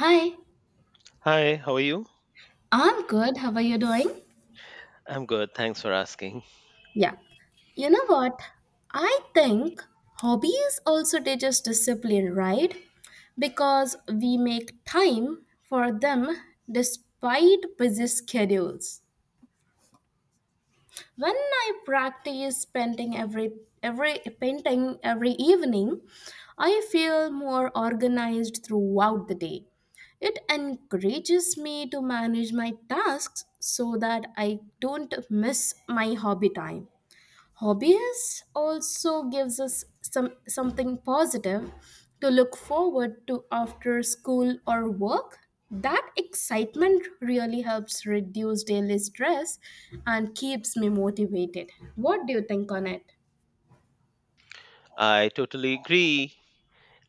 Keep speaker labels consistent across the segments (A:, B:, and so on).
A: Hi,
B: Hi, how are you?
A: I'm good. How are you doing?
B: I'm good. Thanks for asking.
A: Yeah. You know what? I think hobbies also teach us discipline, right? Because we make time for them despite busy schedules. When I practice painting every evening, I feel more organized throughout the day. It encourages me to manage my tasks so that I don't miss my hobby time. Hobbies also gives us something positive to look forward to after school or work. That excitement really helps reduce daily stress and keeps me motivated. What do you think on it?
B: I totally agree.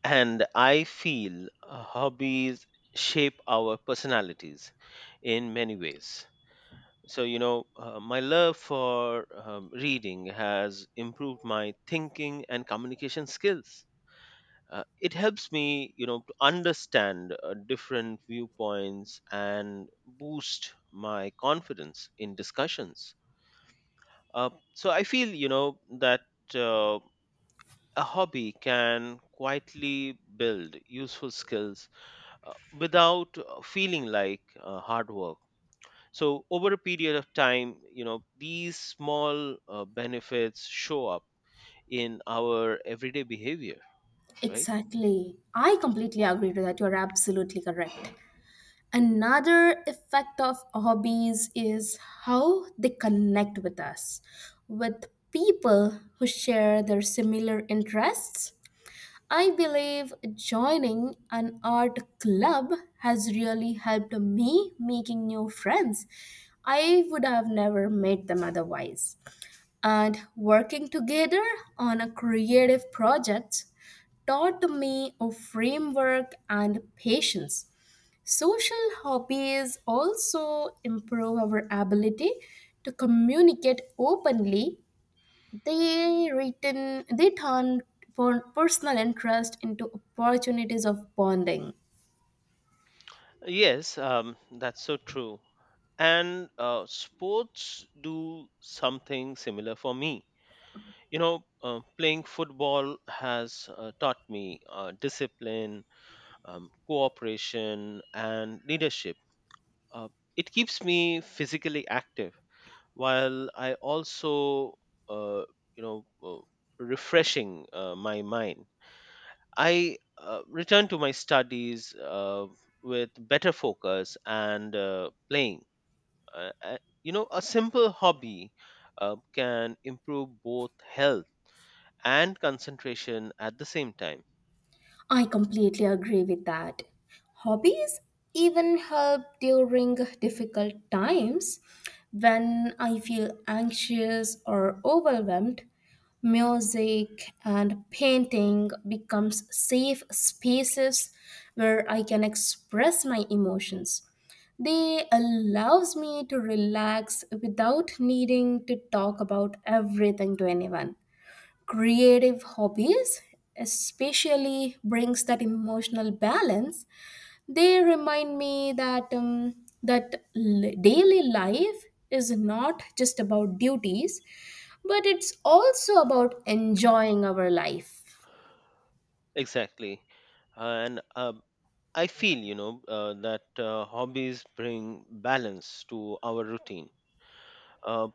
B: And I feel hobbies shape our personalities in many ways. So, my love for reading has improved my thinking and communication skills. It helps me, to understand different viewpoints and boost my confidence in discussions. So I feel, that. Uh, a hobby can quietly build useful skills uh, without feeling like hard work. So over a period of time, these small benefits show up in our everyday behavior, right?
A: Exactly. I completely agree to that. You're absolutely correct. Another effect of hobbies is how they connect with us, with people who share their similar interests. I believe joining an art club has really helped me making new friends. I would have never met them otherwise. And working together on a creative project taught me a framework and patience. Social hobbies also improve our ability to communicate openly. They written personal interest into opportunities of bonding.
B: Yes. That's so true. And sports do something similar for me. Playing football has taught me discipline, cooperation, and leadership. Uh, it keeps me physically active while I also, uh, you know, uh, refreshing my mind. I return to my studies with better focus and playing. Uh, uh, a simple hobby can improve both health and concentration at the same time.
A: I completely agree with that. Hobbies even help during difficult times. When I feel anxious or overwhelmed, music and painting becomes safe spaces where I can express my emotions. They allows me to relax without needing to talk about everything to anyone. Creative hobbies especially brings that emotional balance. They remind me daily life is not just about duties, but it's also about enjoying our life.
B: Exactly. And I feel, that hobbies bring balance to our routine. Uh,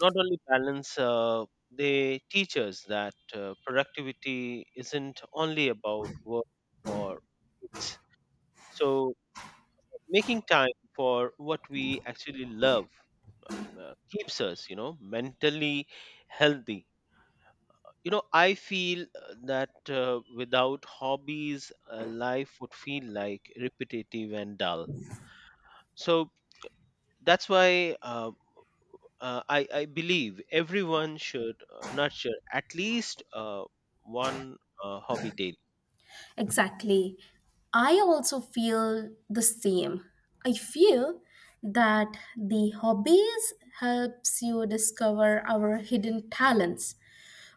B: Not only balance, they teach us that productivity isn't only about work, or it's, so, making time for what we actually love keeps us, mentally healthy. You know, I feel that without hobbies, life would feel like repetitive and dull. So that's why I believe everyone should nurture at least one hobby daily.
A: Exactly. I also feel the same. I feel that the hobbies helps you discover our hidden talents.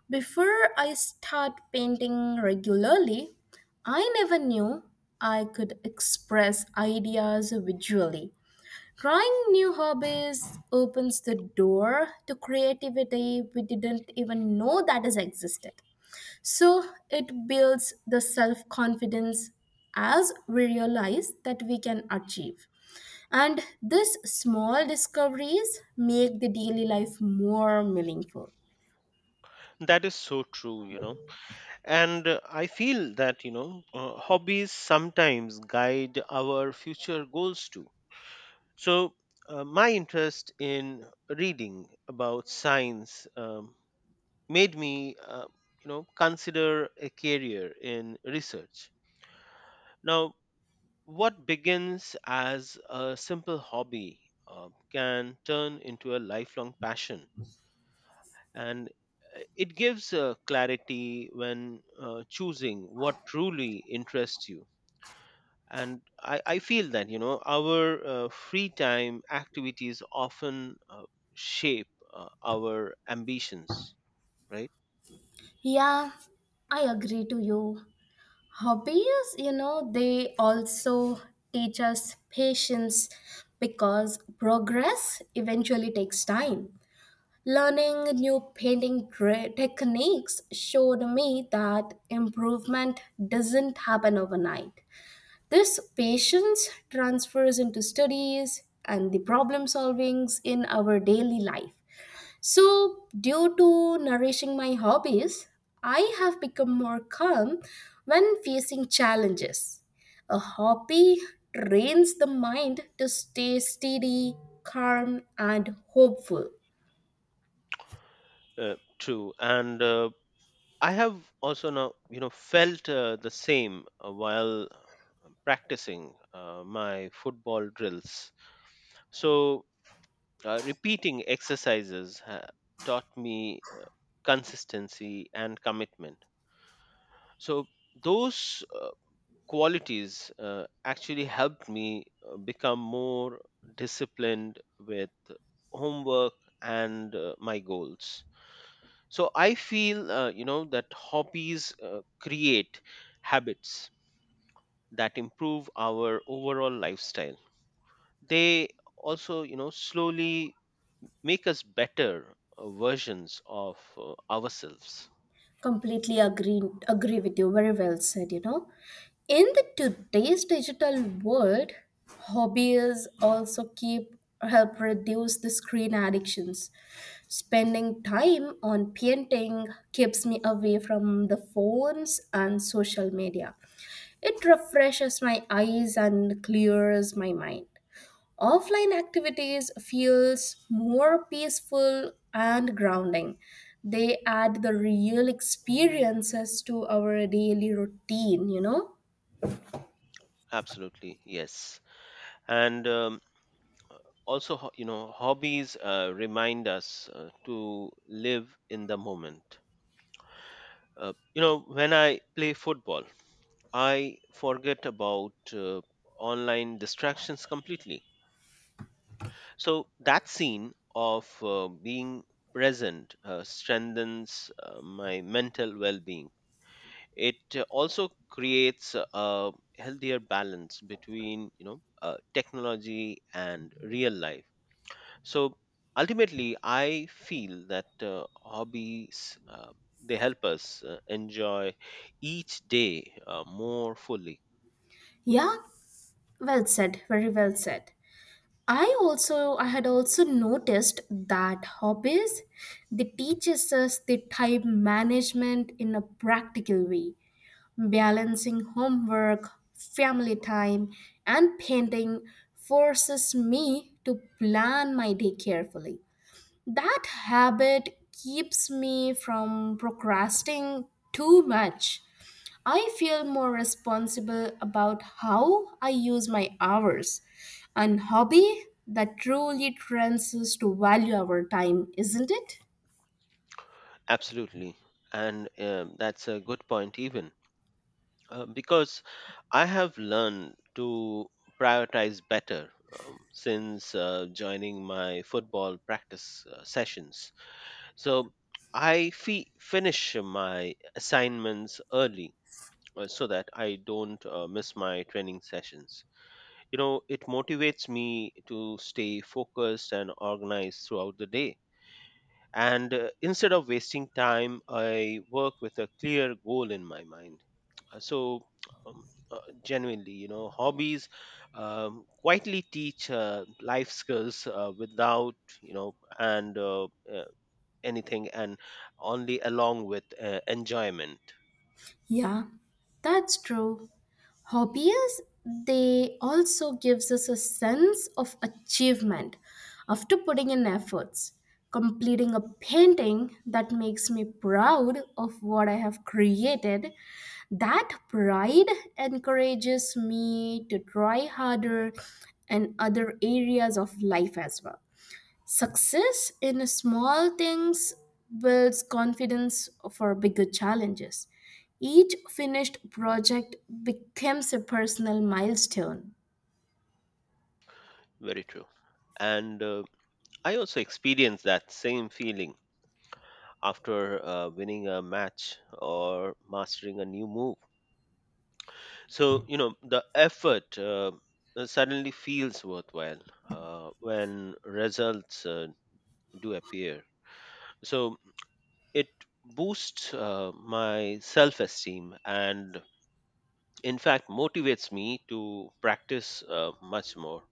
A: Before I start painting regularly, I never knew I could express ideas visually. Trying new hobbies opens the door to creativity we didn't even know that is existed. So it builds the self confidence as we realize that we can achieve. And these small discoveries make the daily life more meaningful.
B: That is so true, you know. And I feel that, hobbies sometimes guide our future goals too. So my interest in reading about science made me, consider a career in research now. What begins as a simple hobby can turn into a lifelong passion, and it gives clarity when choosing what truly interests you. And I feel that, our free time activities often shape our ambitions, right?
A: Yeah, I agree to you. Hobbies, you know, they also teach us patience because progress eventually takes time. Learning new techniques showed me that improvement doesn't happen overnight. This patience transfers into studies and the problem solvings in our daily life. So, due to nourishing my hobbies, I have become more calm when facing challenges. A hobby trains the mind to stay steady, calm, and hopeful.
B: True. And I have also now, felt the same while practicing my football drills. So, repeating exercises taught me consistency and commitment. So, those qualities actually helped me become more disciplined with homework and my goals. So I feel, that hobbies create habits that improve our overall lifestyle. They also, slowly make us better versions of ourselves.
A: Completely agree Agree with you, very well said, you know. In the today's digital world, hobbies also keep help reduce the screen addictions. Spending time on painting keeps me away from the phones and social media. It refreshes my eyes and clears my mind. Offline activities feels more peaceful and grounding. They add the real experiences to our daily routine, you know.
B: Absolutely. Yes. And also, hobbies remind us to live in the moment. When I play football, I forget about uh, online distractions completely. So that scene of being present strengthens my mental well being. It also creates a healthier balance between, technology and real life. So ultimately, I feel that hobbies. They help us enjoy each day more fully.
A: Yeah, well said, very well said. I had also noticed that hobbies, they teaches us the time management in a practical way. Balancing homework, family time, and painting forces me to plan my day carefully. That habit keeps me from procrastinating too much. I feel more responsible about how I use my hours. An hobby that truly trains us to value our time, isn't it?
B: Absolutely. And that's a good point, even. Because I have learned to prioritize better since joining my football practice sessions. So I finish my assignments early so that I don't miss my training sessions. You know, it motivates me to stay focused and organized throughout the day. And instead of wasting time, I work with a clear goal in my mind. So um, uh, genuinely, hobbies quietly teach life skills without, and uh, anything, and only along with enjoyment.
A: Yeah, that's true. Hobbies, they also gives us a sense of achievement after putting in efforts. Completing a painting that makes me proud of what I have created, that pride encourages me to try harder in other areas of life as well. Success in small things builds confidence for bigger challenges. Each finished project becomes a personal milestone.
B: Very true. And I also experienced that same feeling after winning a match or mastering a new move. So, you know, the effort suddenly feels worthwhile when results do appear. So, it boosts my self esteem and, in fact, motivates me to practice much more.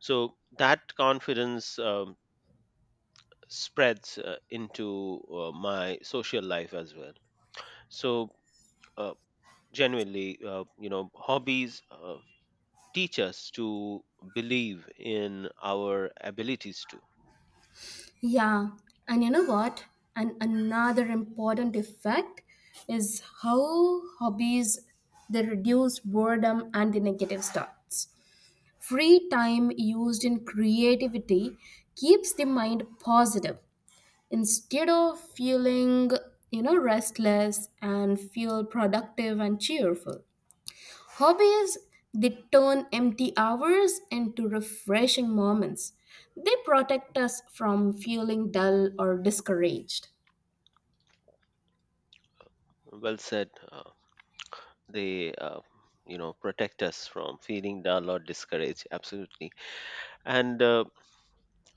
B: So, that confidence spreads into my social life as well. So uh, genuinely, hobbies teach us to believe in our abilities too.
A: Yeah, and you know what? And another important effect is how hobbies, they reduce boredom and the negative thoughts. Free time used in creativity keeps the mind positive instead of feeling, you know, restless, and feel productive and cheerful. Hobbies, they turn empty hours into refreshing moments. They protect us from feeling dull or discouraged.
B: Well said. They, protect us from feeling dull or discouraged, absolutely. And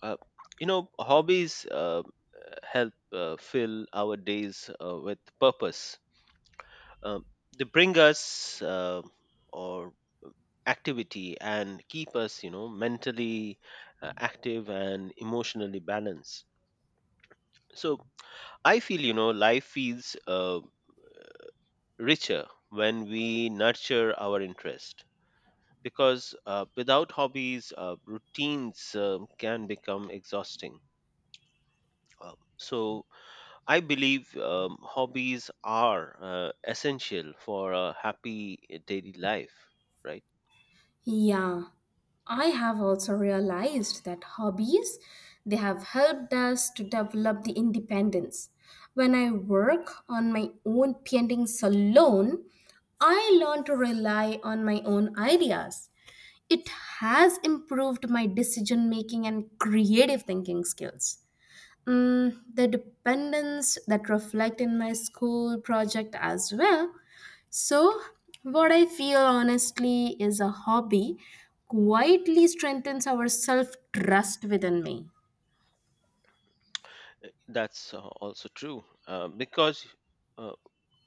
B: uh, hobbies help fill our days with purpose. um, they bring us or activity and keep us, mentally active and emotionally balanced. So I feel, life feels richer when we nurture our interest, because without hobbies, routines can become exhausting. So I believe hobbies are essential for a happy, daily life, right?
A: Yeah, I have also realized that hobbies, they have helped us to develop the independence. When I work on my own paintings alone, I learn to rely on my own ideas. It has improved my decision making and creative thinking skills. Mm, the dependence that reflect in my school project as well. So, what I feel honestly is a hobby quietly strengthens our self trust within me.
B: That's also true because uh,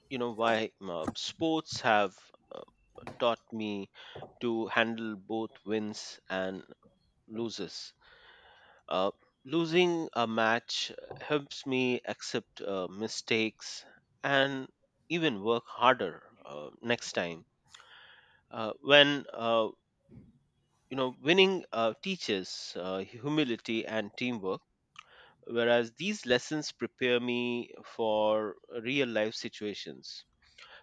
B: why sports have uh, taught me to handle both wins and losses. Uh, Losing a match helps me accept mistakes and even work harder next time. When winning teaches humility and teamwork, whereas these lessons prepare me for real life situations.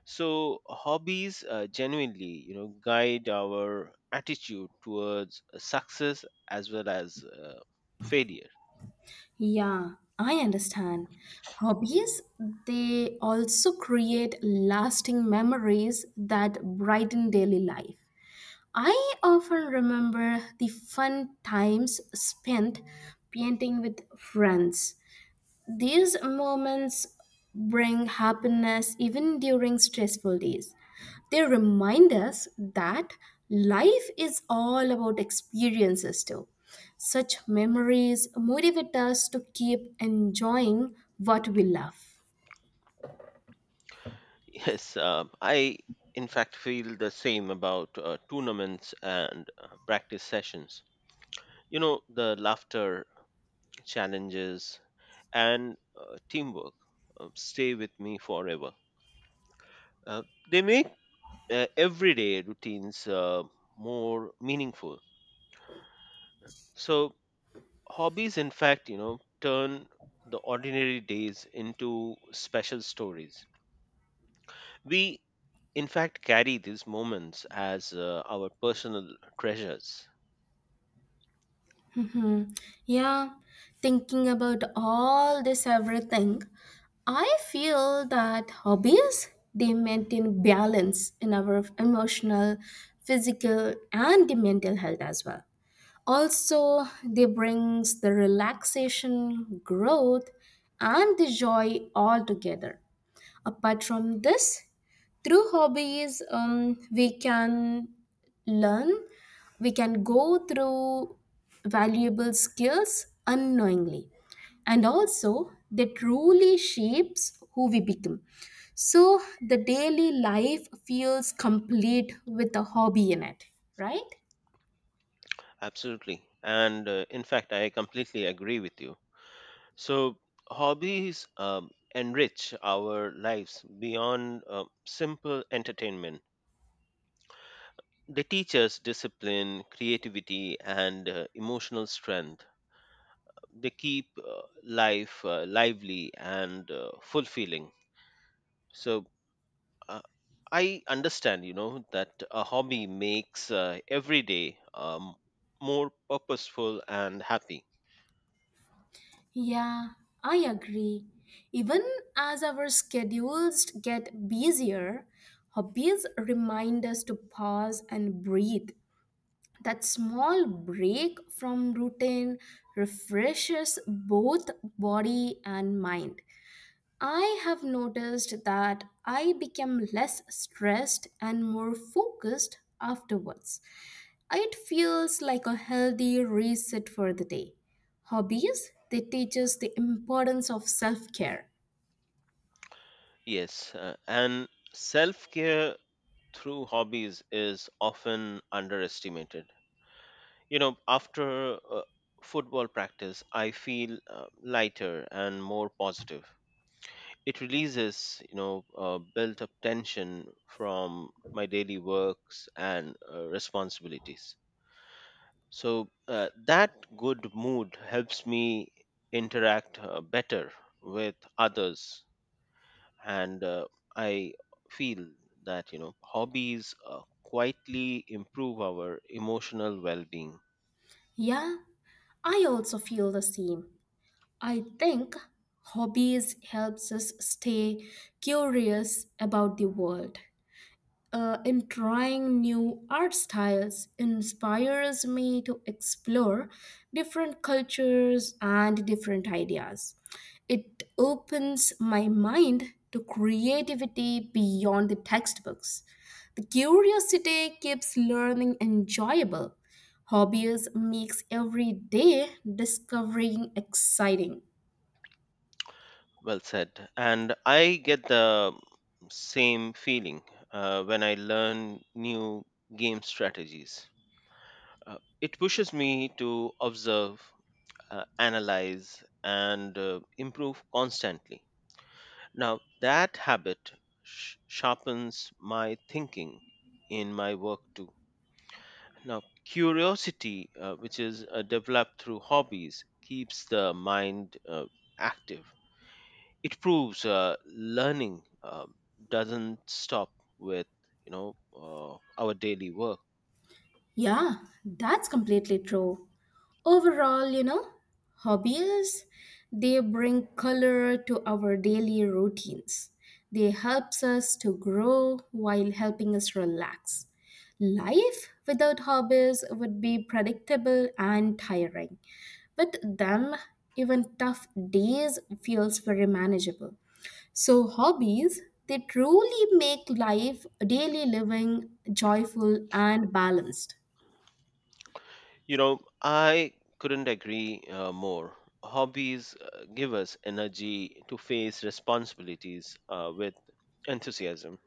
B: So hobbies genuinely, guide our attitude towards success as well as failure.
A: Yeah, I understand. Hobbies, they also create lasting memories that brighten daily life. I often remember the fun times spent painting with friends. These moments bring happiness even during stressful days. They remind us that life is all about experiences too. Such memories motivate us to keep enjoying what we love.
B: Yes. I in fact feel the same about tournaments and practice sessions. You know, the laughter, challenges, and teamwork stay with me forever. uh, they make everyday routines more meaningful. So hobbies, in fact, turn the ordinary days into special stories. We in fact carry these moments as our personal treasures.
A: Hmm. Yeah, thinking about all this everything, I feel that hobbies, they maintain balance in our emotional, physical, and the mental health as well. Also, they brings the relaxation, growth, and the joy all together. Apart from this, through hobbies, we can learn, we can go through valuable skills unknowingly. And also, they truly shapes who we become. So, the daily life feels complete with a hobby in it, right?
B: Absolutely. And in fact, I completely agree with you. So hobbies enrich our lives beyond simple entertainment. They teach us discipline, creativity, and emotional strength. They keep life lively and fulfilling. So uh, I understand, that a hobby makes every day more purposeful and happy.
A: Yeah, I agree. Even as our schedules get busier, hobbies remind us to pause and breathe. That small break from routine refreshes both body and mind. I have noticed that I become less stressed and more focused afterwards. It feels like a healthy reset for the day. Hobbies, they teach us the importance of self care.
B: Yes, and self care through hobbies is often underestimated. You know, after football practice, I feel lighter and more positive. It releases, built up tension from my daily works and responsibilities. So that good mood helps me interact better with others. And I feel that, hobbies quietly improve our emotional well-being.
A: Yeah, I also feel the same. I think hobbies helps us stay curious about the world. In trying new art styles inspires me to explore different cultures and different ideas. It opens my mind to creativity beyond the textbooks. The curiosity keeps learning enjoyable. Hobbies makes every day discovering exciting.
B: Well said. And I get the same feeling when I learn new game strategies. It pushes me to observe, analyze, and improve constantly. Now that habit sharpens my thinking in my work too. Now, curiosity, which is developed through hobbies, keeps the mind active. It proves learning doesn't stop with, you know uh, our daily work.
A: Yeah, that's completely true. Overall, you know, hobbies, they bring color to our daily routines. They helps us to grow while helping us relax. Life without hobbies would be predictable and tiring. With them, even tough days feels very manageable. So hobbies, they truly make life, daily living joyful and balanced.
B: You know, I couldn't agree more. Hobbies give us energy to face responsibilities with enthusiasm.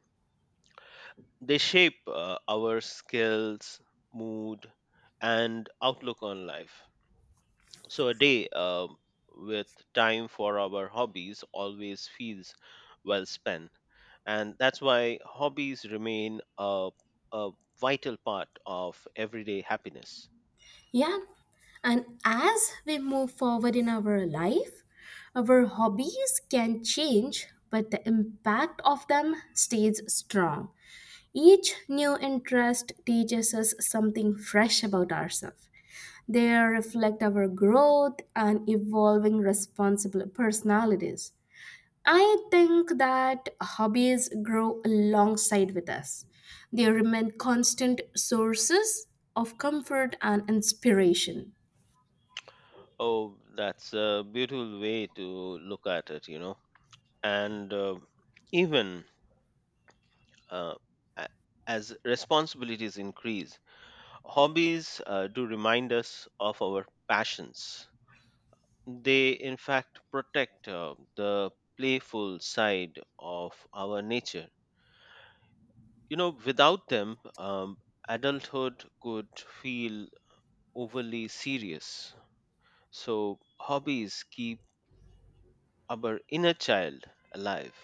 B: They shape our skills, mood, and outlook on life. So a day with time for our hobbies always feels well spent. And that's why hobbies remain a vital part of everyday happiness.
A: Yeah, and as we move forward in our life, our hobbies can change, but the impact of them stays strong. Each new interest teaches us something fresh about ourselves. They reflect our growth and evolving responsible personalities. I think that hobbies grow alongside with us. They remain constant sources of comfort and inspiration.
B: Oh, that's a beautiful way to look at it. And even uh, a- as responsibilities increase, hobbies do remind us of our passions. They, in fact, protect the playful side of our nature. You know, without them, adulthood could feel overly serious. So, hobbies keep our inner child alive.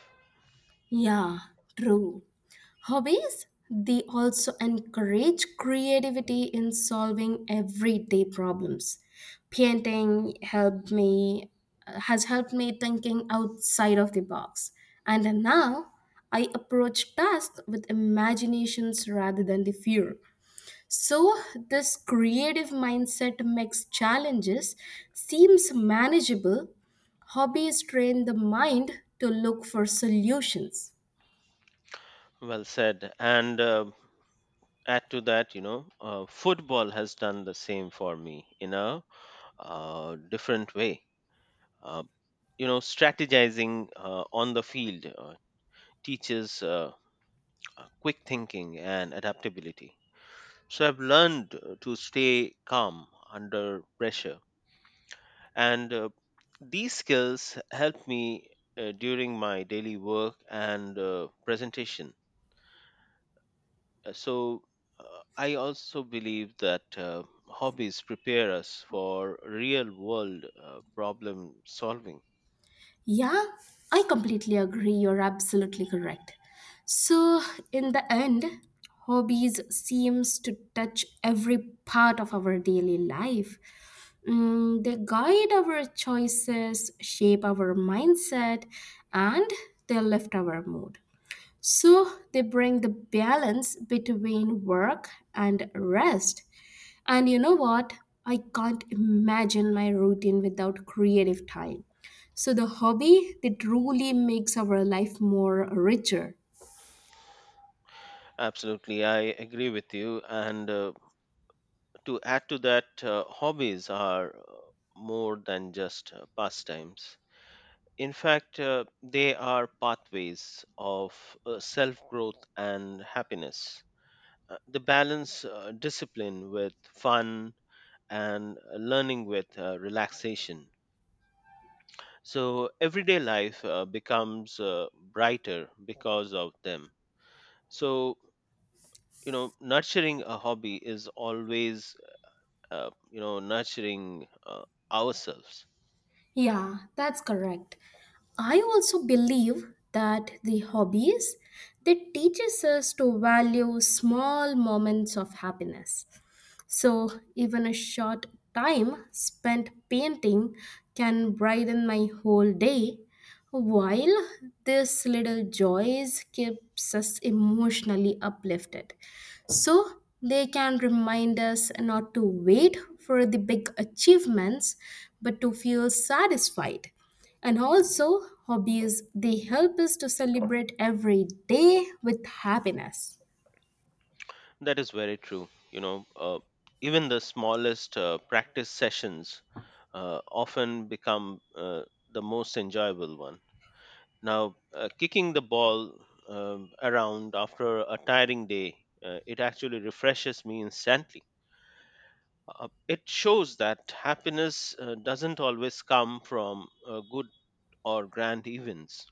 A: Yeah, true. Hobbies, they also encourage creativity in solving everyday problems. Painting helped me has helped me thinking outside of the box. And now I approach tasks with imaginations rather than the fear. So, this creative mindset makes challenges seems manageable. Hobbies train the mind to look for solutions.
B: Well said. And add to that, football has done the same for me in a different way. Uh, Strategizing on the field teaches, quick thinking, and adaptability. So I've learned to stay calm under pressure. And these skills help me during my daily work and presentation. So uh, I also believe that hobbies prepare us for real world problem solving.
A: Yeah, I completely agree. You're absolutely correct. So, in the end, hobbies seems to touch every part of our daily life. Mm, they guide our choices, shape our mindset, and they lift our mood. So they bring the balance between work and rest. And you know what? I can't imagine my routine without creative time. So the hobby that truly makes our life more richer.
B: Absolutely, I agree with you. And to add to that, hobbies are more than just pastimes. In fact, they are pathways of self growth and happiness. The balance discipline with fun and learning with relaxation. So, everyday life becomes brighter because of them. So, you know, nurturing a hobby is always, nurturing ourselves.
A: Yeah, that's correct. I also believe that the hobbies that teaches us to value small moments of happiness. So, even a short time spent painting can brighten my whole day. While this little joys keeps us emotionally uplifted, so they can remind us not to wait for the big achievements but to feel satisfied. And also, hobbies, they help us to celebrate every day with happiness.
B: That is very true. You know, even the smallest practice sessions often become the most enjoyable one. Now, kicking the ball around after a tiring day, it actually refreshes me instantly. It shows that happiness doesn't always come from good or grand events.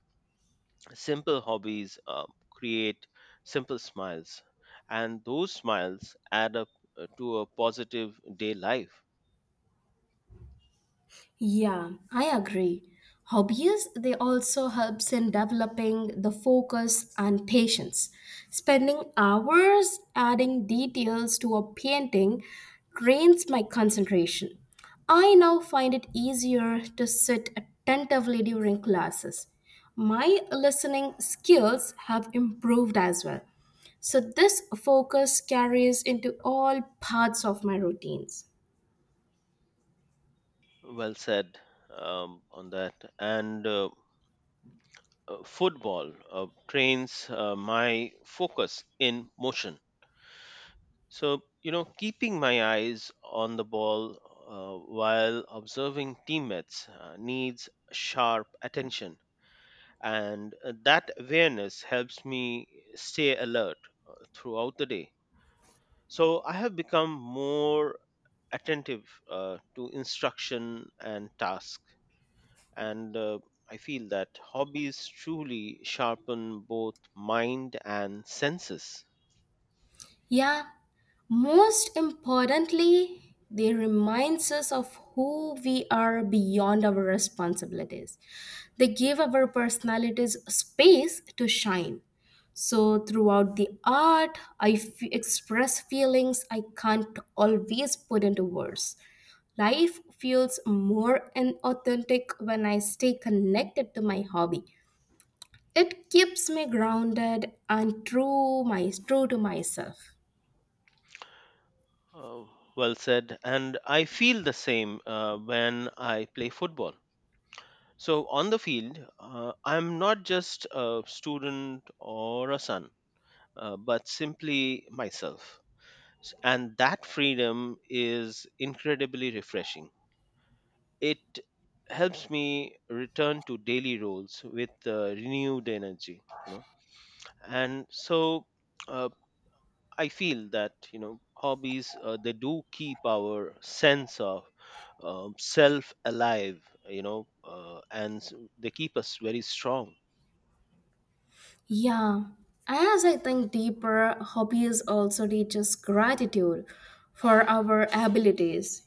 B: Simple hobbies create simple smiles, and those smiles add up to a positive day life.
A: Yeah, I agree. Hobbies, they also helps in developing the focus and patience. Spending hours adding details to a painting drains my concentration. I now find it easier to sit attentively during classes. My listening skills have improved as well. So this focus carries into all parts of my routines.
B: Well said on that. And football trains my focus in motion. So, you know, keeping my eyes on the ball while observing teammates needs sharp attention. And that awareness helps me stay alert throughout the day. So I have become more attentive to instruction and task. And I feel that hobbies truly sharpen both mind and senses.
A: Yeah, most importantly, they reminds us of who we are beyond our responsibilities. They give our personalities space to shine. So throughout the art, express feelings I can't always put into words. Life feels more and authentic when I stay connected to my hobby. It keeps me grounded and true, my true to myself.
B: uh, well said. And I feel the same when I play football. So on the field, I'm not just a student or a son, but simply myself. And that freedom is incredibly refreshing. It helps me return to daily roles with renewed energy. And so uh, I feel that, hobbies, they do keep our sense of self alive, and they keep us very strong.
A: Yeah, as I think deeper, hobbies also teach us gratitude for our abilities.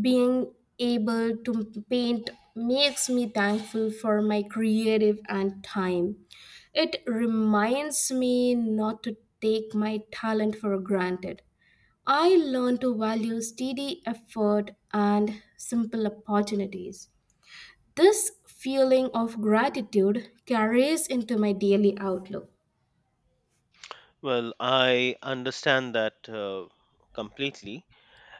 A: Being able to paint makes me thankful for my creative and time. It reminds me not to take my talent for granted. I learn to value steady effort and simple opportunities. This feeling of gratitude carries into my daily outlook.
B: Well, I understand that completely,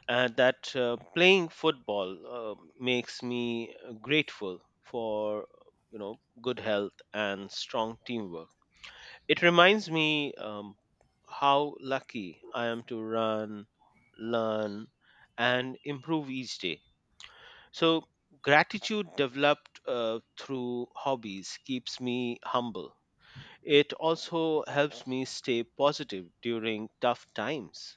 B: and that playing football makes me grateful for, good health and strong teamwork. It reminds me how lucky I am to run, learn, and improve each day. So gratitude developed through hobbies keeps me humble. It also helps me stay positive during tough times.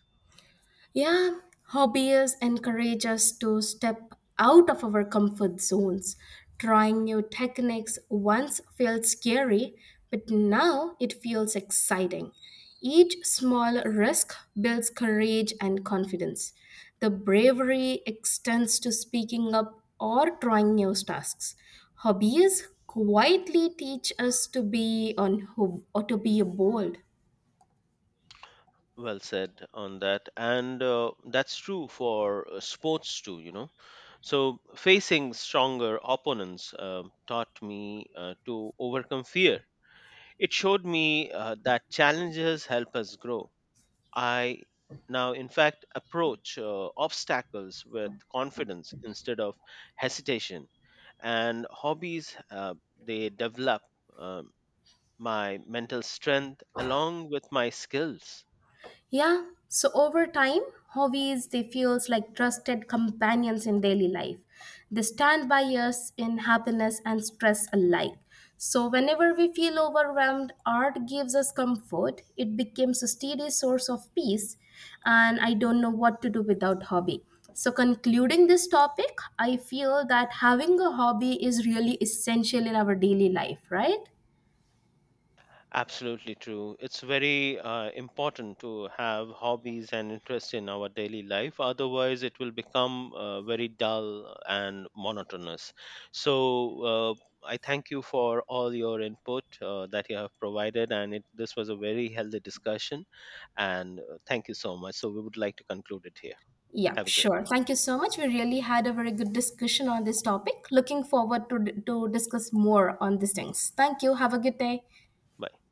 A: Yeah, hobbies encourage us to step out of our comfort zones. Trying new techniques once felt scary, but now it feels exciting. Each small risk builds courage and confidence. The bravery extends to speaking up or trying new tasks. Hobbies quietly teach us to be on who or to be bold.
B: Well said on that. And that's true for sports too. So facing stronger opponents taught me to overcome fear. It showed me that challenges help us grow. I now, in fact, approach obstacles with confidence instead of hesitation. And hobbies, they develop um my mental strength along with my skills.
A: Yeah, so over time, hobbies, they feels like trusted companions in daily life. They stand by us in happiness and stress alike. So whenever we feel overwhelmed, art gives us comfort. It becomes a steady source of peace, and I don't know what to do without hobby. So concluding this topic, I feel that having a hobby is really essential in our daily life, right?
B: Absolutely true. It's very important to have hobbies and interest in our daily life. Otherwise, it will become very dull and monotonous. So, I thank you for all your input that you have provided, and this was a very healthy discussion. And thank you so much. So, we would like to conclude it here.
A: Yeah,
B: Have a great day.
A: sure. Thank you so much. We really had a very good discussion on this topic. Looking forward to discuss more on these things. Thank you. Have a good day.
B: Bye.